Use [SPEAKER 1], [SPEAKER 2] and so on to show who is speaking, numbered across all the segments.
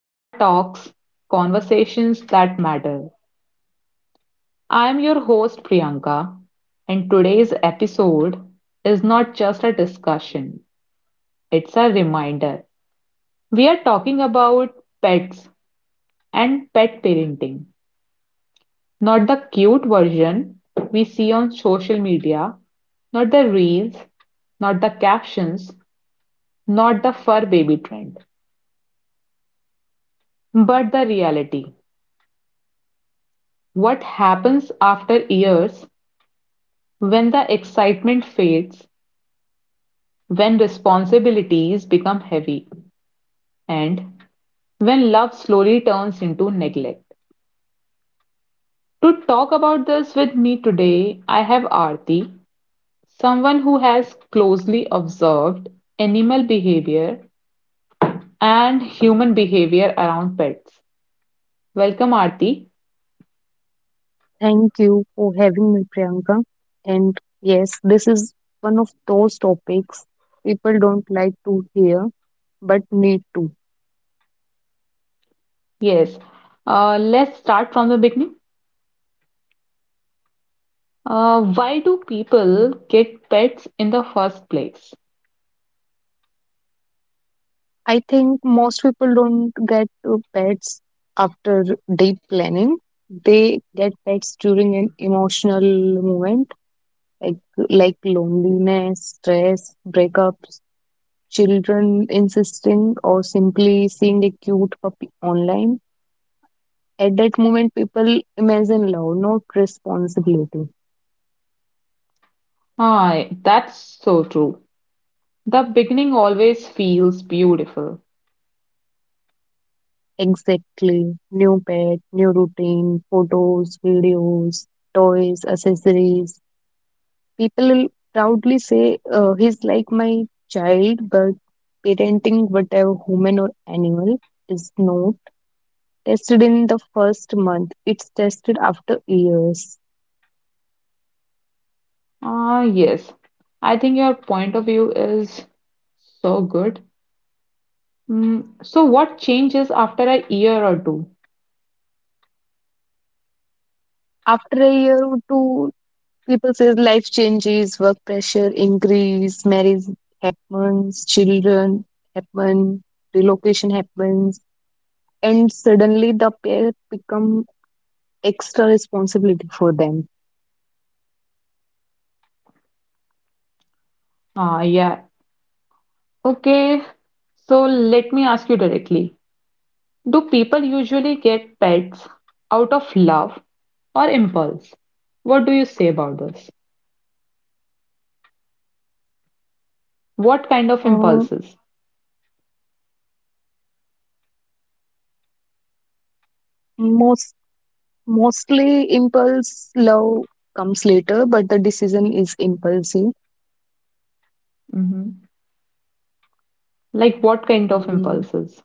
[SPEAKER 1] Our Talks Conversations That Matter. I am your host, Priyanka, and today's episode is not just a discussion, it's a reminder. We are talking about pets and pet parenting, not the cute version we see on social media, not the reels, not the captions, not the fur baby trend, but the reality. What happens after years, when the excitement fades, when responsibilities become heavy, and when love slowly turns into neglect? To talk about this with me today, I have Aarti, someone who has closely observed animal behavior and human behavior around pets. Welcome, Aarti.
[SPEAKER 2] Thank you for having me, Priyanka. And yes, this is one of those topics people don't like to hear but need to.
[SPEAKER 1] Yes, let's start from the beginning. Why do people get pets in the first place?
[SPEAKER 2] I think most people don't get pets after deep planning. They get pets during an emotional moment, like like loneliness, stress, breakups, children insisting, or simply seeing a cute puppy online. At that moment, people imagine love, not responsibility.
[SPEAKER 1] Ah, that's so true. The beginning always feels beautiful.
[SPEAKER 2] Exactly. New pet, new routine, photos, videos, toys, accessories. People will proudly say, he's like my child, but parenting whatever human or animal is not tested in the first month. It's tested after years.
[SPEAKER 1] Ah, yes. I think your point of view is so good. So what changes after a year or two?
[SPEAKER 2] After a year or two, people says life changes, work pressure increase, marriage happens, children happen, relocation happens, and suddenly the pair become extra responsibility for them.
[SPEAKER 1] Ah, yeah. Okay. So let me ask you directly. Do people usually get pets out of love or impulse? What do you say about this? What kind of
[SPEAKER 2] Uh,
[SPEAKER 1] impulses?
[SPEAKER 2] most mostly impulse love comes later, but the decision is impulsive.
[SPEAKER 1] Hmm. Like what kind of
[SPEAKER 2] Mm,
[SPEAKER 1] impulses?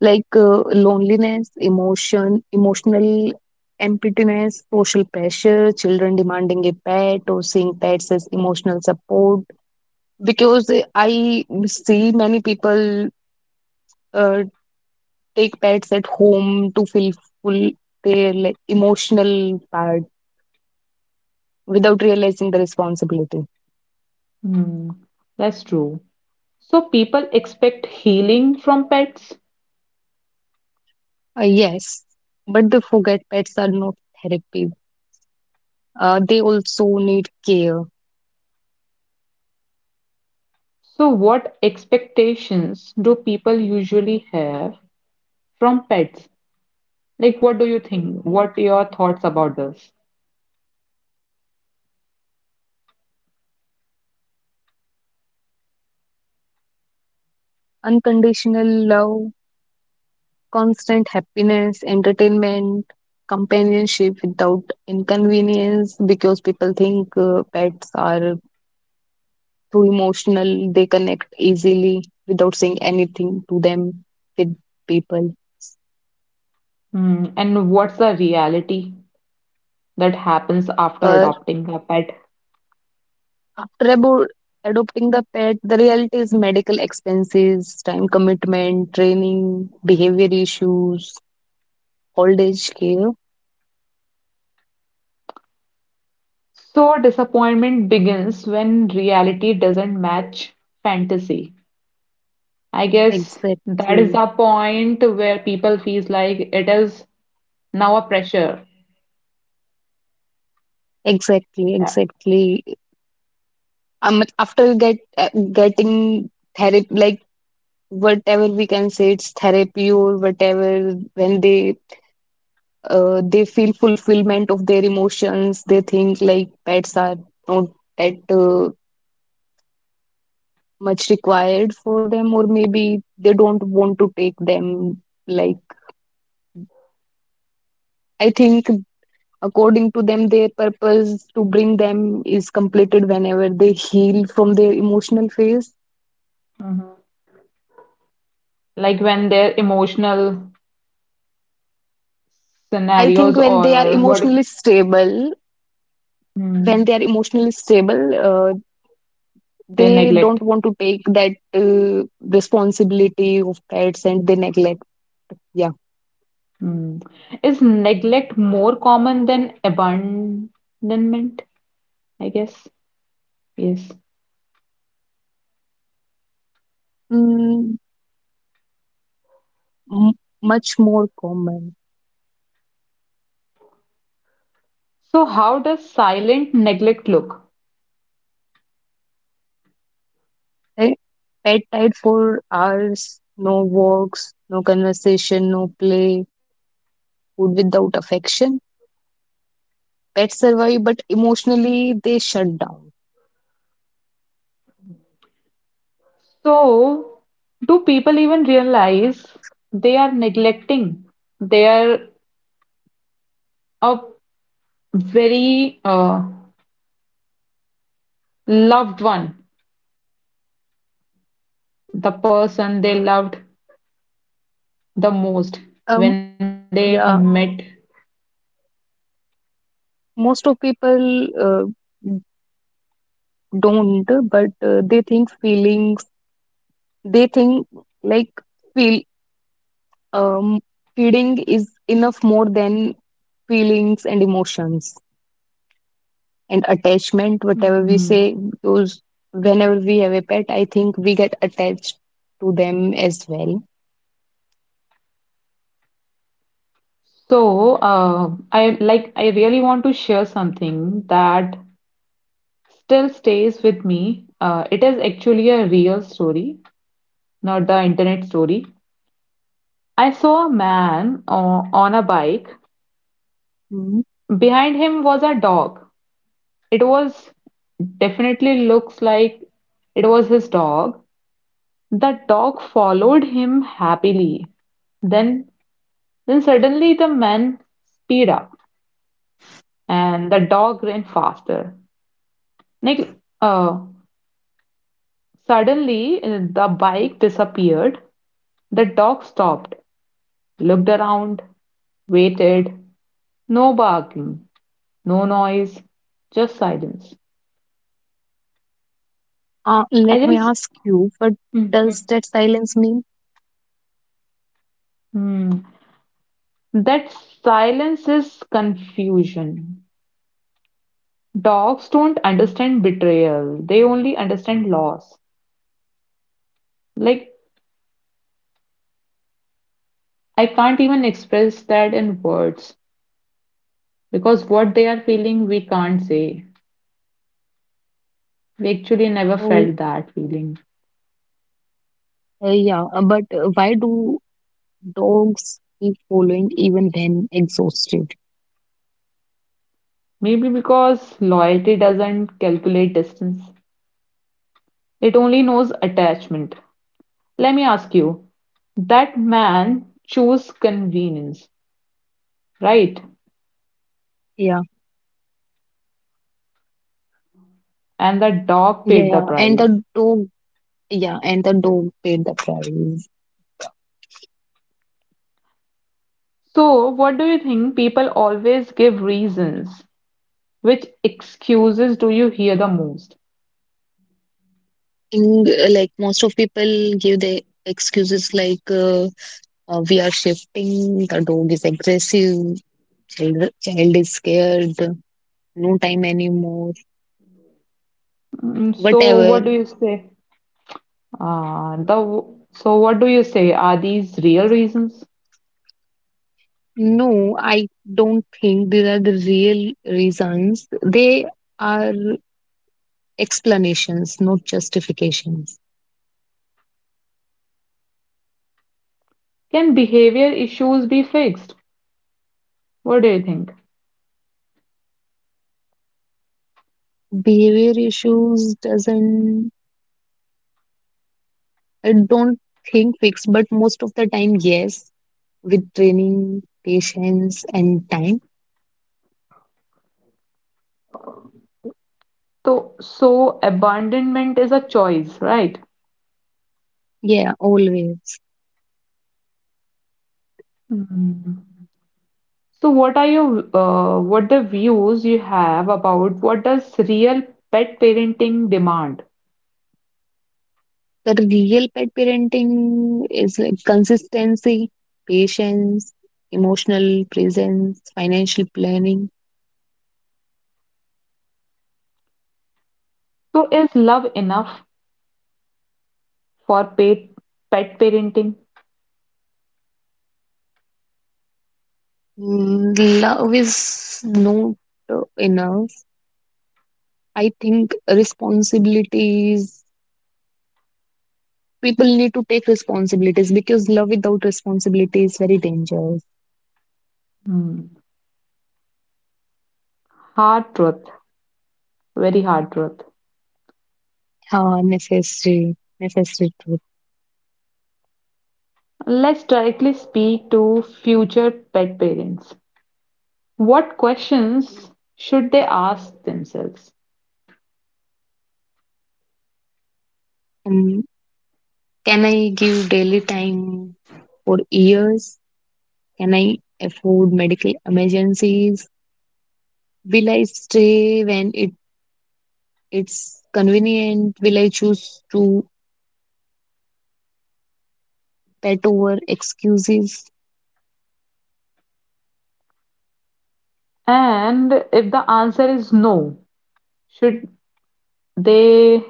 [SPEAKER 2] like loneliness, emotional emptiness, social pressure, children demanding a pet or seeing pets as emotional support. Because I see many people uh, take pets at home to feel full their, like, emotional part without realizing the responsibility.
[SPEAKER 1] Hmm, that's true. So people expect healing from pets.
[SPEAKER 2] Yes, but they forget pets are not therapy. They also need care.
[SPEAKER 1] So what expectations do people usually have from pets? Like, what do you think? What your thoughts about this?
[SPEAKER 2] Unconditional love, constant happiness, entertainment, companionship without inconvenience, because people think pets are too emotional, they connect easily without saying anything to them with people.
[SPEAKER 1] And what's the reality that happens after
[SPEAKER 2] Uh,
[SPEAKER 1] adopting a pet?
[SPEAKER 2] after adopting the pet, the reality is medical expenses, time commitment, training, behavior issues, old age care.
[SPEAKER 1] So disappointment begins when reality doesn't match fantasy. I guess that is
[SPEAKER 2] Exactly,
[SPEAKER 1] the point where people feels like it is now a pressure.
[SPEAKER 2] exactly. After getting therapy, like, whatever we can say it's therapy or whatever, when they feel fulfillment of their emotions, they think, like, pets are not that much required for them, or maybe they don't want to take them, like, I think according to them their purpose to bring them is completed whenever they heal from their emotional phase.
[SPEAKER 1] Mhm. Like when their emotional
[SPEAKER 2] I think
[SPEAKER 1] scenarios
[SPEAKER 2] when they are
[SPEAKER 1] or what if
[SPEAKER 2] emotionally stable, when they are
[SPEAKER 1] mm,
[SPEAKER 2] emotionally stable, uh,
[SPEAKER 1] they
[SPEAKER 2] they
[SPEAKER 1] neglect.
[SPEAKER 2] don't want to take that responsibility of pets and they neglect. Yeah.
[SPEAKER 1] Mm. Is neglect more common than abandonment? I guess. Yes.
[SPEAKER 2] mm, m- Much more common.
[SPEAKER 1] So how does silent neglect look?
[SPEAKER 2] Right? Pet died for hours, no walks, no conversation, no play, food without affection. Pets survive, but emotionally they shut down.
[SPEAKER 1] So do people even realize they are neglecting their a very loved one, the person they loved the most
[SPEAKER 2] Um,
[SPEAKER 1] when they met.
[SPEAKER 2] yeah, most of people don't, but they think feelings. They think like feel um, feeding is enough, more than feelings and emotions and
[SPEAKER 1] Mhm.
[SPEAKER 2] attachment, whatever we say. Those, whenever we have a pet, I think we get attached to them as well.
[SPEAKER 1] So, I really want to share something that still stays with me. It is actually a real story, not the internet story. I saw a man on a bike.
[SPEAKER 2] Mhm.
[SPEAKER 1] Behind him was a dog. It was definitely looks like it was his dog. The dog followed him happily. Then, then suddenly the man speed up and the dog ran faster. Nick, uh, suddenly the bike disappeared. The dog stopped, looked around, waited. No barking, no noise, just silence. I
[SPEAKER 2] Let me
[SPEAKER 1] just,
[SPEAKER 2] ask you, what does
[SPEAKER 1] Mhm.
[SPEAKER 2] that silence mean?
[SPEAKER 1] Hmm. That silence is confusion. Dogs don't understand betrayal, they only understand loss. Like, I can't even express that in words because what they are feeling, we can't say. We actually never
[SPEAKER 2] Oh,
[SPEAKER 1] felt that feeling.
[SPEAKER 2] yeah but why do dogs keep following even when exhausted?
[SPEAKER 1] Maybe because loyalty doesn't calculate distance, it only knows attachment. Let me ask you, that man chose convenience, right?
[SPEAKER 2] yeah
[SPEAKER 1] And the dog
[SPEAKER 2] yeah
[SPEAKER 1] paid the
[SPEAKER 2] yeah and
[SPEAKER 1] price.
[SPEAKER 2] the dog yeah, and the dog paid the price.
[SPEAKER 1] So, what do you think? People always give reasons. Which excuses do you hear the most?
[SPEAKER 2] Thing Like, most of people give their excuses like, we are shifting, the dog is aggressive, child is scared, no time anymore,
[SPEAKER 1] So,
[SPEAKER 2] whatever.
[SPEAKER 1] what do you say? Ah, the So what do you say? Are these real reasons?
[SPEAKER 2] No, I don't think these are the real reasons. They are explanations, not justifications.
[SPEAKER 1] Can behavior issues be fixed? What do you think?
[SPEAKER 2] Behavior issues doesn't, I don't think, fix, but most of the time yes, with training, patience and time.
[SPEAKER 1] So abandonment is a choice, right?
[SPEAKER 2] Yeah, always.
[SPEAKER 1] Hmm. So, what are your what the views you have about what does real pet parenting demand?
[SPEAKER 2] The real pet parenting is like consistency, patience, emotional presence, financial planning.
[SPEAKER 1] So, is love enough for pet parenting?
[SPEAKER 2] Love is not enough. I think responsibilities, people need to take responsibilities, because love without responsibility is very dangerous.
[SPEAKER 1] Hmm. Hard truth, very hard truth.
[SPEAKER 2] Ah, necessary, necessary truth.
[SPEAKER 1] Let's directly speak to future pet parents. What questions should they ask themselves?
[SPEAKER 2] Um, can I give daily time for years? Can I afford medical emergencies? Will I stay when it's convenient? Will I choose to pet over excuses?
[SPEAKER 1] And if the answer is no, should they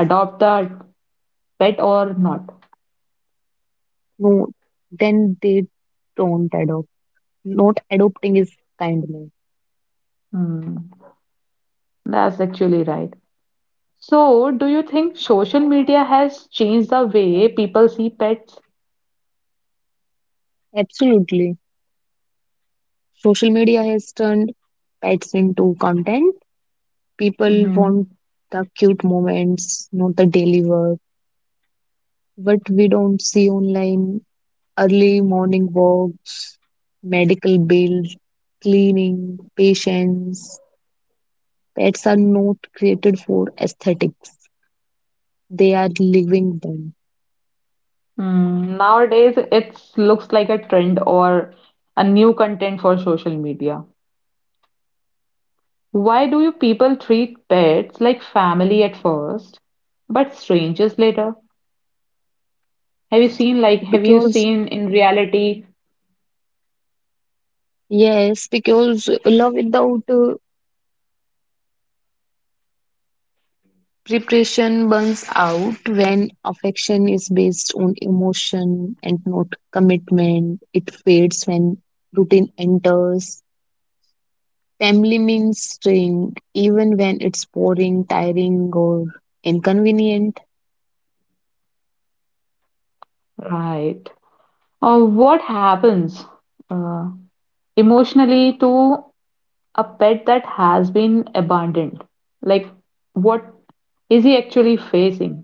[SPEAKER 1] adopt the pet or not.
[SPEAKER 2] No, then they don't adopt. Not adopting is kindness.
[SPEAKER 1] Hmm. That's actually right. So, do you think social media has changed the way people see pets?
[SPEAKER 2] Absolutely. Social media has turned pets into content. People want
[SPEAKER 1] Mm-hmm.
[SPEAKER 2] the cute moments, not the daily work. What we don't see online: early morning walks, medical bills, cleaning, patients. Pets are not created for aesthetics, they are living them.
[SPEAKER 1] Mm. Nowadays, it looks like a trend or a new content for social media. Why do you people treat pets like family at first, but strangers later? Have you
[SPEAKER 2] Because,
[SPEAKER 1] seen in reality?
[SPEAKER 2] yes, because love without preparation burns out when affection is based on emotion and not commitment. It fades when routine enters. Family means staying, even when it's boring, tiring, or inconvenient.
[SPEAKER 1] Right. What happens? Uh, Emotionally, to a pet that has been abandoned, like what is he actually facing?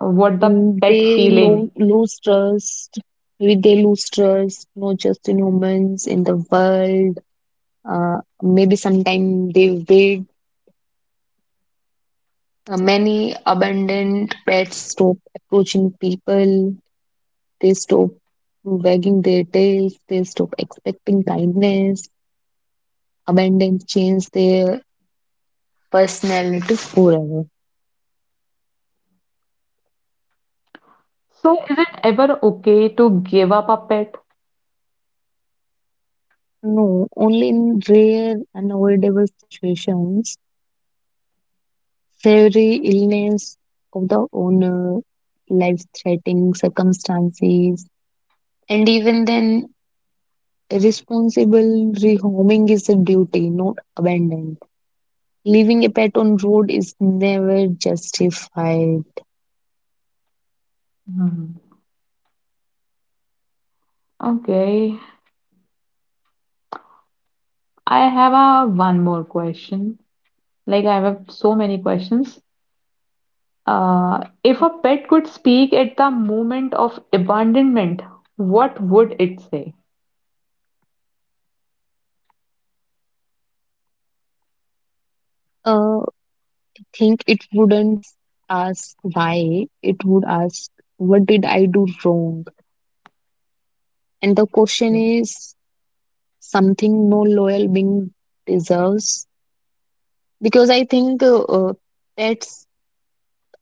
[SPEAKER 1] What the
[SPEAKER 2] Mm,
[SPEAKER 1] pet
[SPEAKER 2] They
[SPEAKER 1] feeling?
[SPEAKER 2] lo- lose trust. Maybe they lose trust, not just in humans, in the world. Maybe sometime they wait. Many abandoned pets stop approaching people. They stop wagging their tails. They stop expecting kindness. Abandon change their personality forever.
[SPEAKER 1] So, is it ever okay to give up a pet?
[SPEAKER 2] No, only in rare, unavoidable situations: severe illness of the owner, life-threatening circumstances, and even then, responsible rehoming is a duty, not abandoned. Leaving a pet on road is never justified.
[SPEAKER 1] Hmm. Okay, I have a one more question. Like I have so many questions. If a pet could speak at the moment of abandonment, what would it say?
[SPEAKER 2] Uh, think it wouldn't ask why, it would ask, what did I do wrong? And the question
[SPEAKER 1] Yeah.
[SPEAKER 2] is something no loyal being deserves. Because I think pets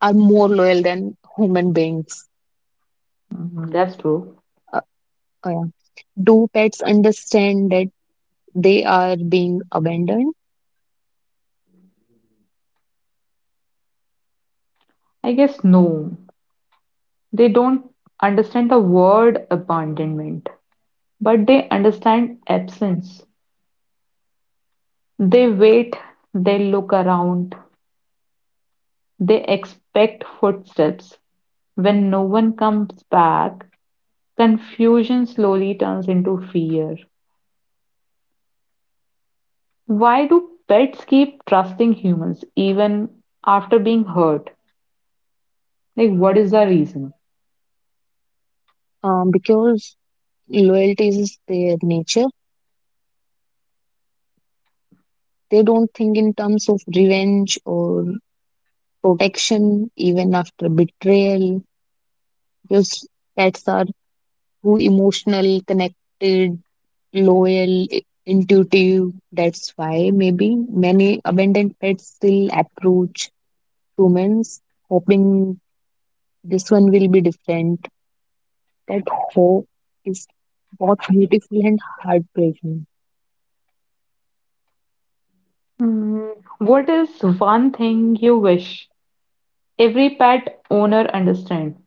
[SPEAKER 2] are more loyal than human beings.
[SPEAKER 1] Mhm. That's true.
[SPEAKER 2] Uh, uh, do pets understand that they are being abandoned?
[SPEAKER 1] I guess no. They don't understand the word abandonment, but they understand absence. They wait, they look around, they expect footsteps. When no one comes back, confusion slowly turns into fear. Why do pets keep trusting humans even after being hurt? Like, what is the reason?
[SPEAKER 2] Because loyalty is their nature. They don't think in terms of revenge or protection, even after betrayal. Because pets are too emotional, connected, loyal, intuitive. That's why maybe many abandoned pets still approach humans, hoping this one will be different. That hope is both beautiful and heartbreaking.
[SPEAKER 1] Mm, What is one thing you wish every pet owner understands?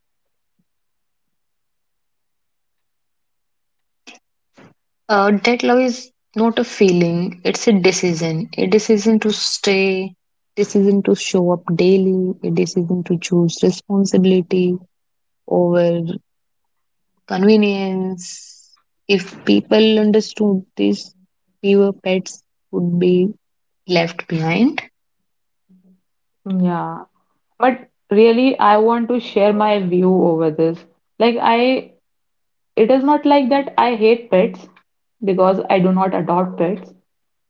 [SPEAKER 2] That love is not a feeling, it's a decision. A decision to stay, decision to show up daily, a decision to choose responsibility over convenience. If people understood this, fewer pets would be left behind.
[SPEAKER 1] Yeah, but really, I want to share my view over this. Like, it is not like that I hate pets because I do not adopt pets,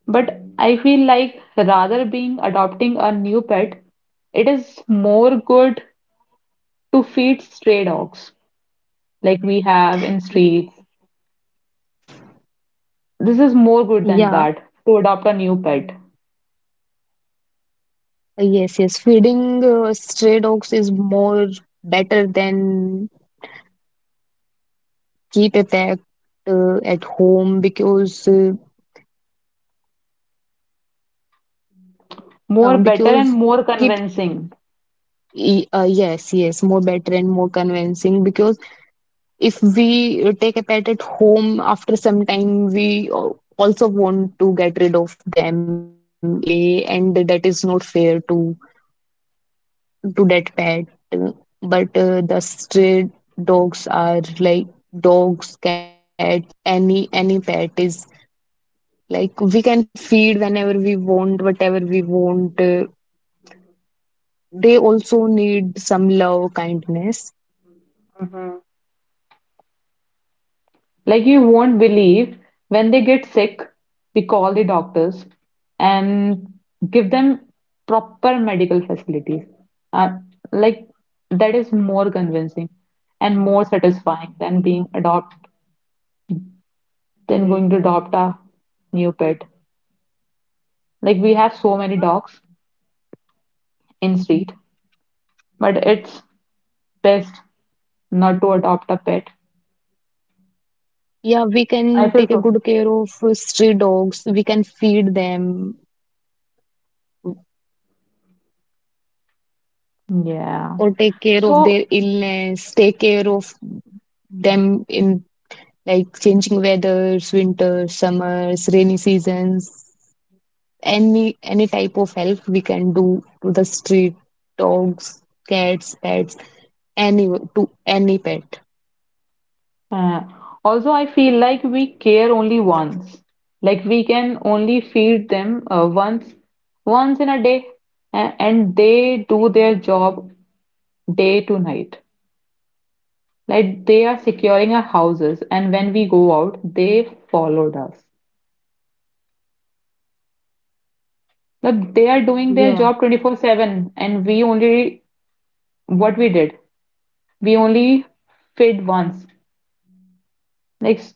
[SPEAKER 1] but I feel like rather being adopting a new pet, it is more good to feed stray dogs like we have in streets. This is more good than
[SPEAKER 2] Yeah,
[SPEAKER 1] that to adopt a new pet.
[SPEAKER 2] yes, yes. Feeding stray dogs is more better than keep a pet at home,
[SPEAKER 1] More better and
[SPEAKER 2] because
[SPEAKER 1] more
[SPEAKER 2] keep
[SPEAKER 1] convincing.
[SPEAKER 2] yes, yes, more better and more convincing, because if we take a pet at home, after some time we also want to get rid of them in any way, and that is not fair to that pet. Uh, but The stray dogs are like, dogs, cats, any pet is, like, we can feed whenever we want, whatever we want. They also need some love, kindness.
[SPEAKER 1] Like you won't believe when they get sick, we call the doctors and give them proper medical facilities. Uh, like that is more convincing and more satisfying than being adopt than going to adopt a new pet. Like we have so many dogs in street, but it's best not to adopt a pet.
[SPEAKER 2] Yeah, we
[SPEAKER 1] I
[SPEAKER 2] can
[SPEAKER 1] feel
[SPEAKER 2] take a
[SPEAKER 1] so.
[SPEAKER 2] good care of stray dogs. We can feed them
[SPEAKER 1] Yeah.
[SPEAKER 2] or take care of their
[SPEAKER 1] So
[SPEAKER 2] illness, take care of them in, like, changing weathers, winters, summers, rainy seasons. Any type of help we can do to the street dogs, cats, pets, any, to any pet.
[SPEAKER 1] Uh, also, I feel like we care only once. Like we can only feed them once, once in a day, and they do their job day to night. Like they are securing our houses, and when we go out, they followed us. Like they are doing their
[SPEAKER 2] Yeah,
[SPEAKER 1] job 24/7, and we only what we did, we only fed once. Like s-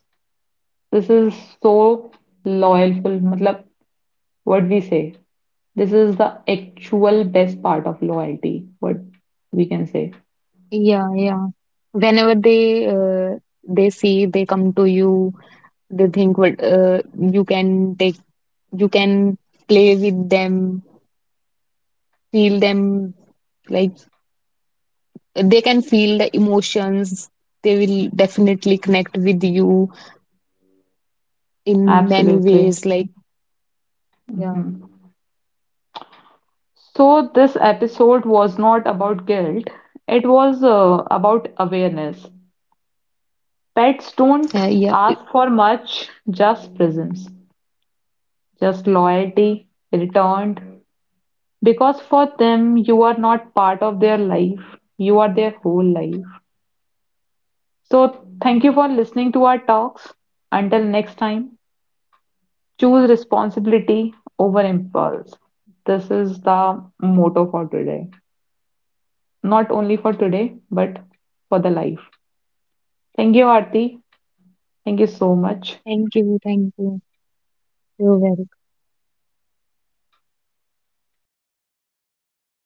[SPEAKER 1] this is so loyal, मतलब what we say. This is the actual best part of loyalty, what we can say.
[SPEAKER 2] yeah. Whenever they see, they come to you, they think what you can take, you can play with them, feel them, like, they can feel the emotions, they will definitely connect with you in many
[SPEAKER 1] Absolutely.
[SPEAKER 2] ways, like, yeah.
[SPEAKER 1] Mhm. So, this episode was not about guilt, it was about awareness. Pets don't
[SPEAKER 2] Yeah,
[SPEAKER 1] ask for much, just presence, just loyalty returned. Because for them, you are not part of their life, you are their whole life. So, thank you for listening to our talks. Until next time. Choose responsibility over impulse. This is the motto for today. Not only for today, but for the life. Thank you, Aarti. Thank you so much.
[SPEAKER 2] thank you, thank you. You're welcome.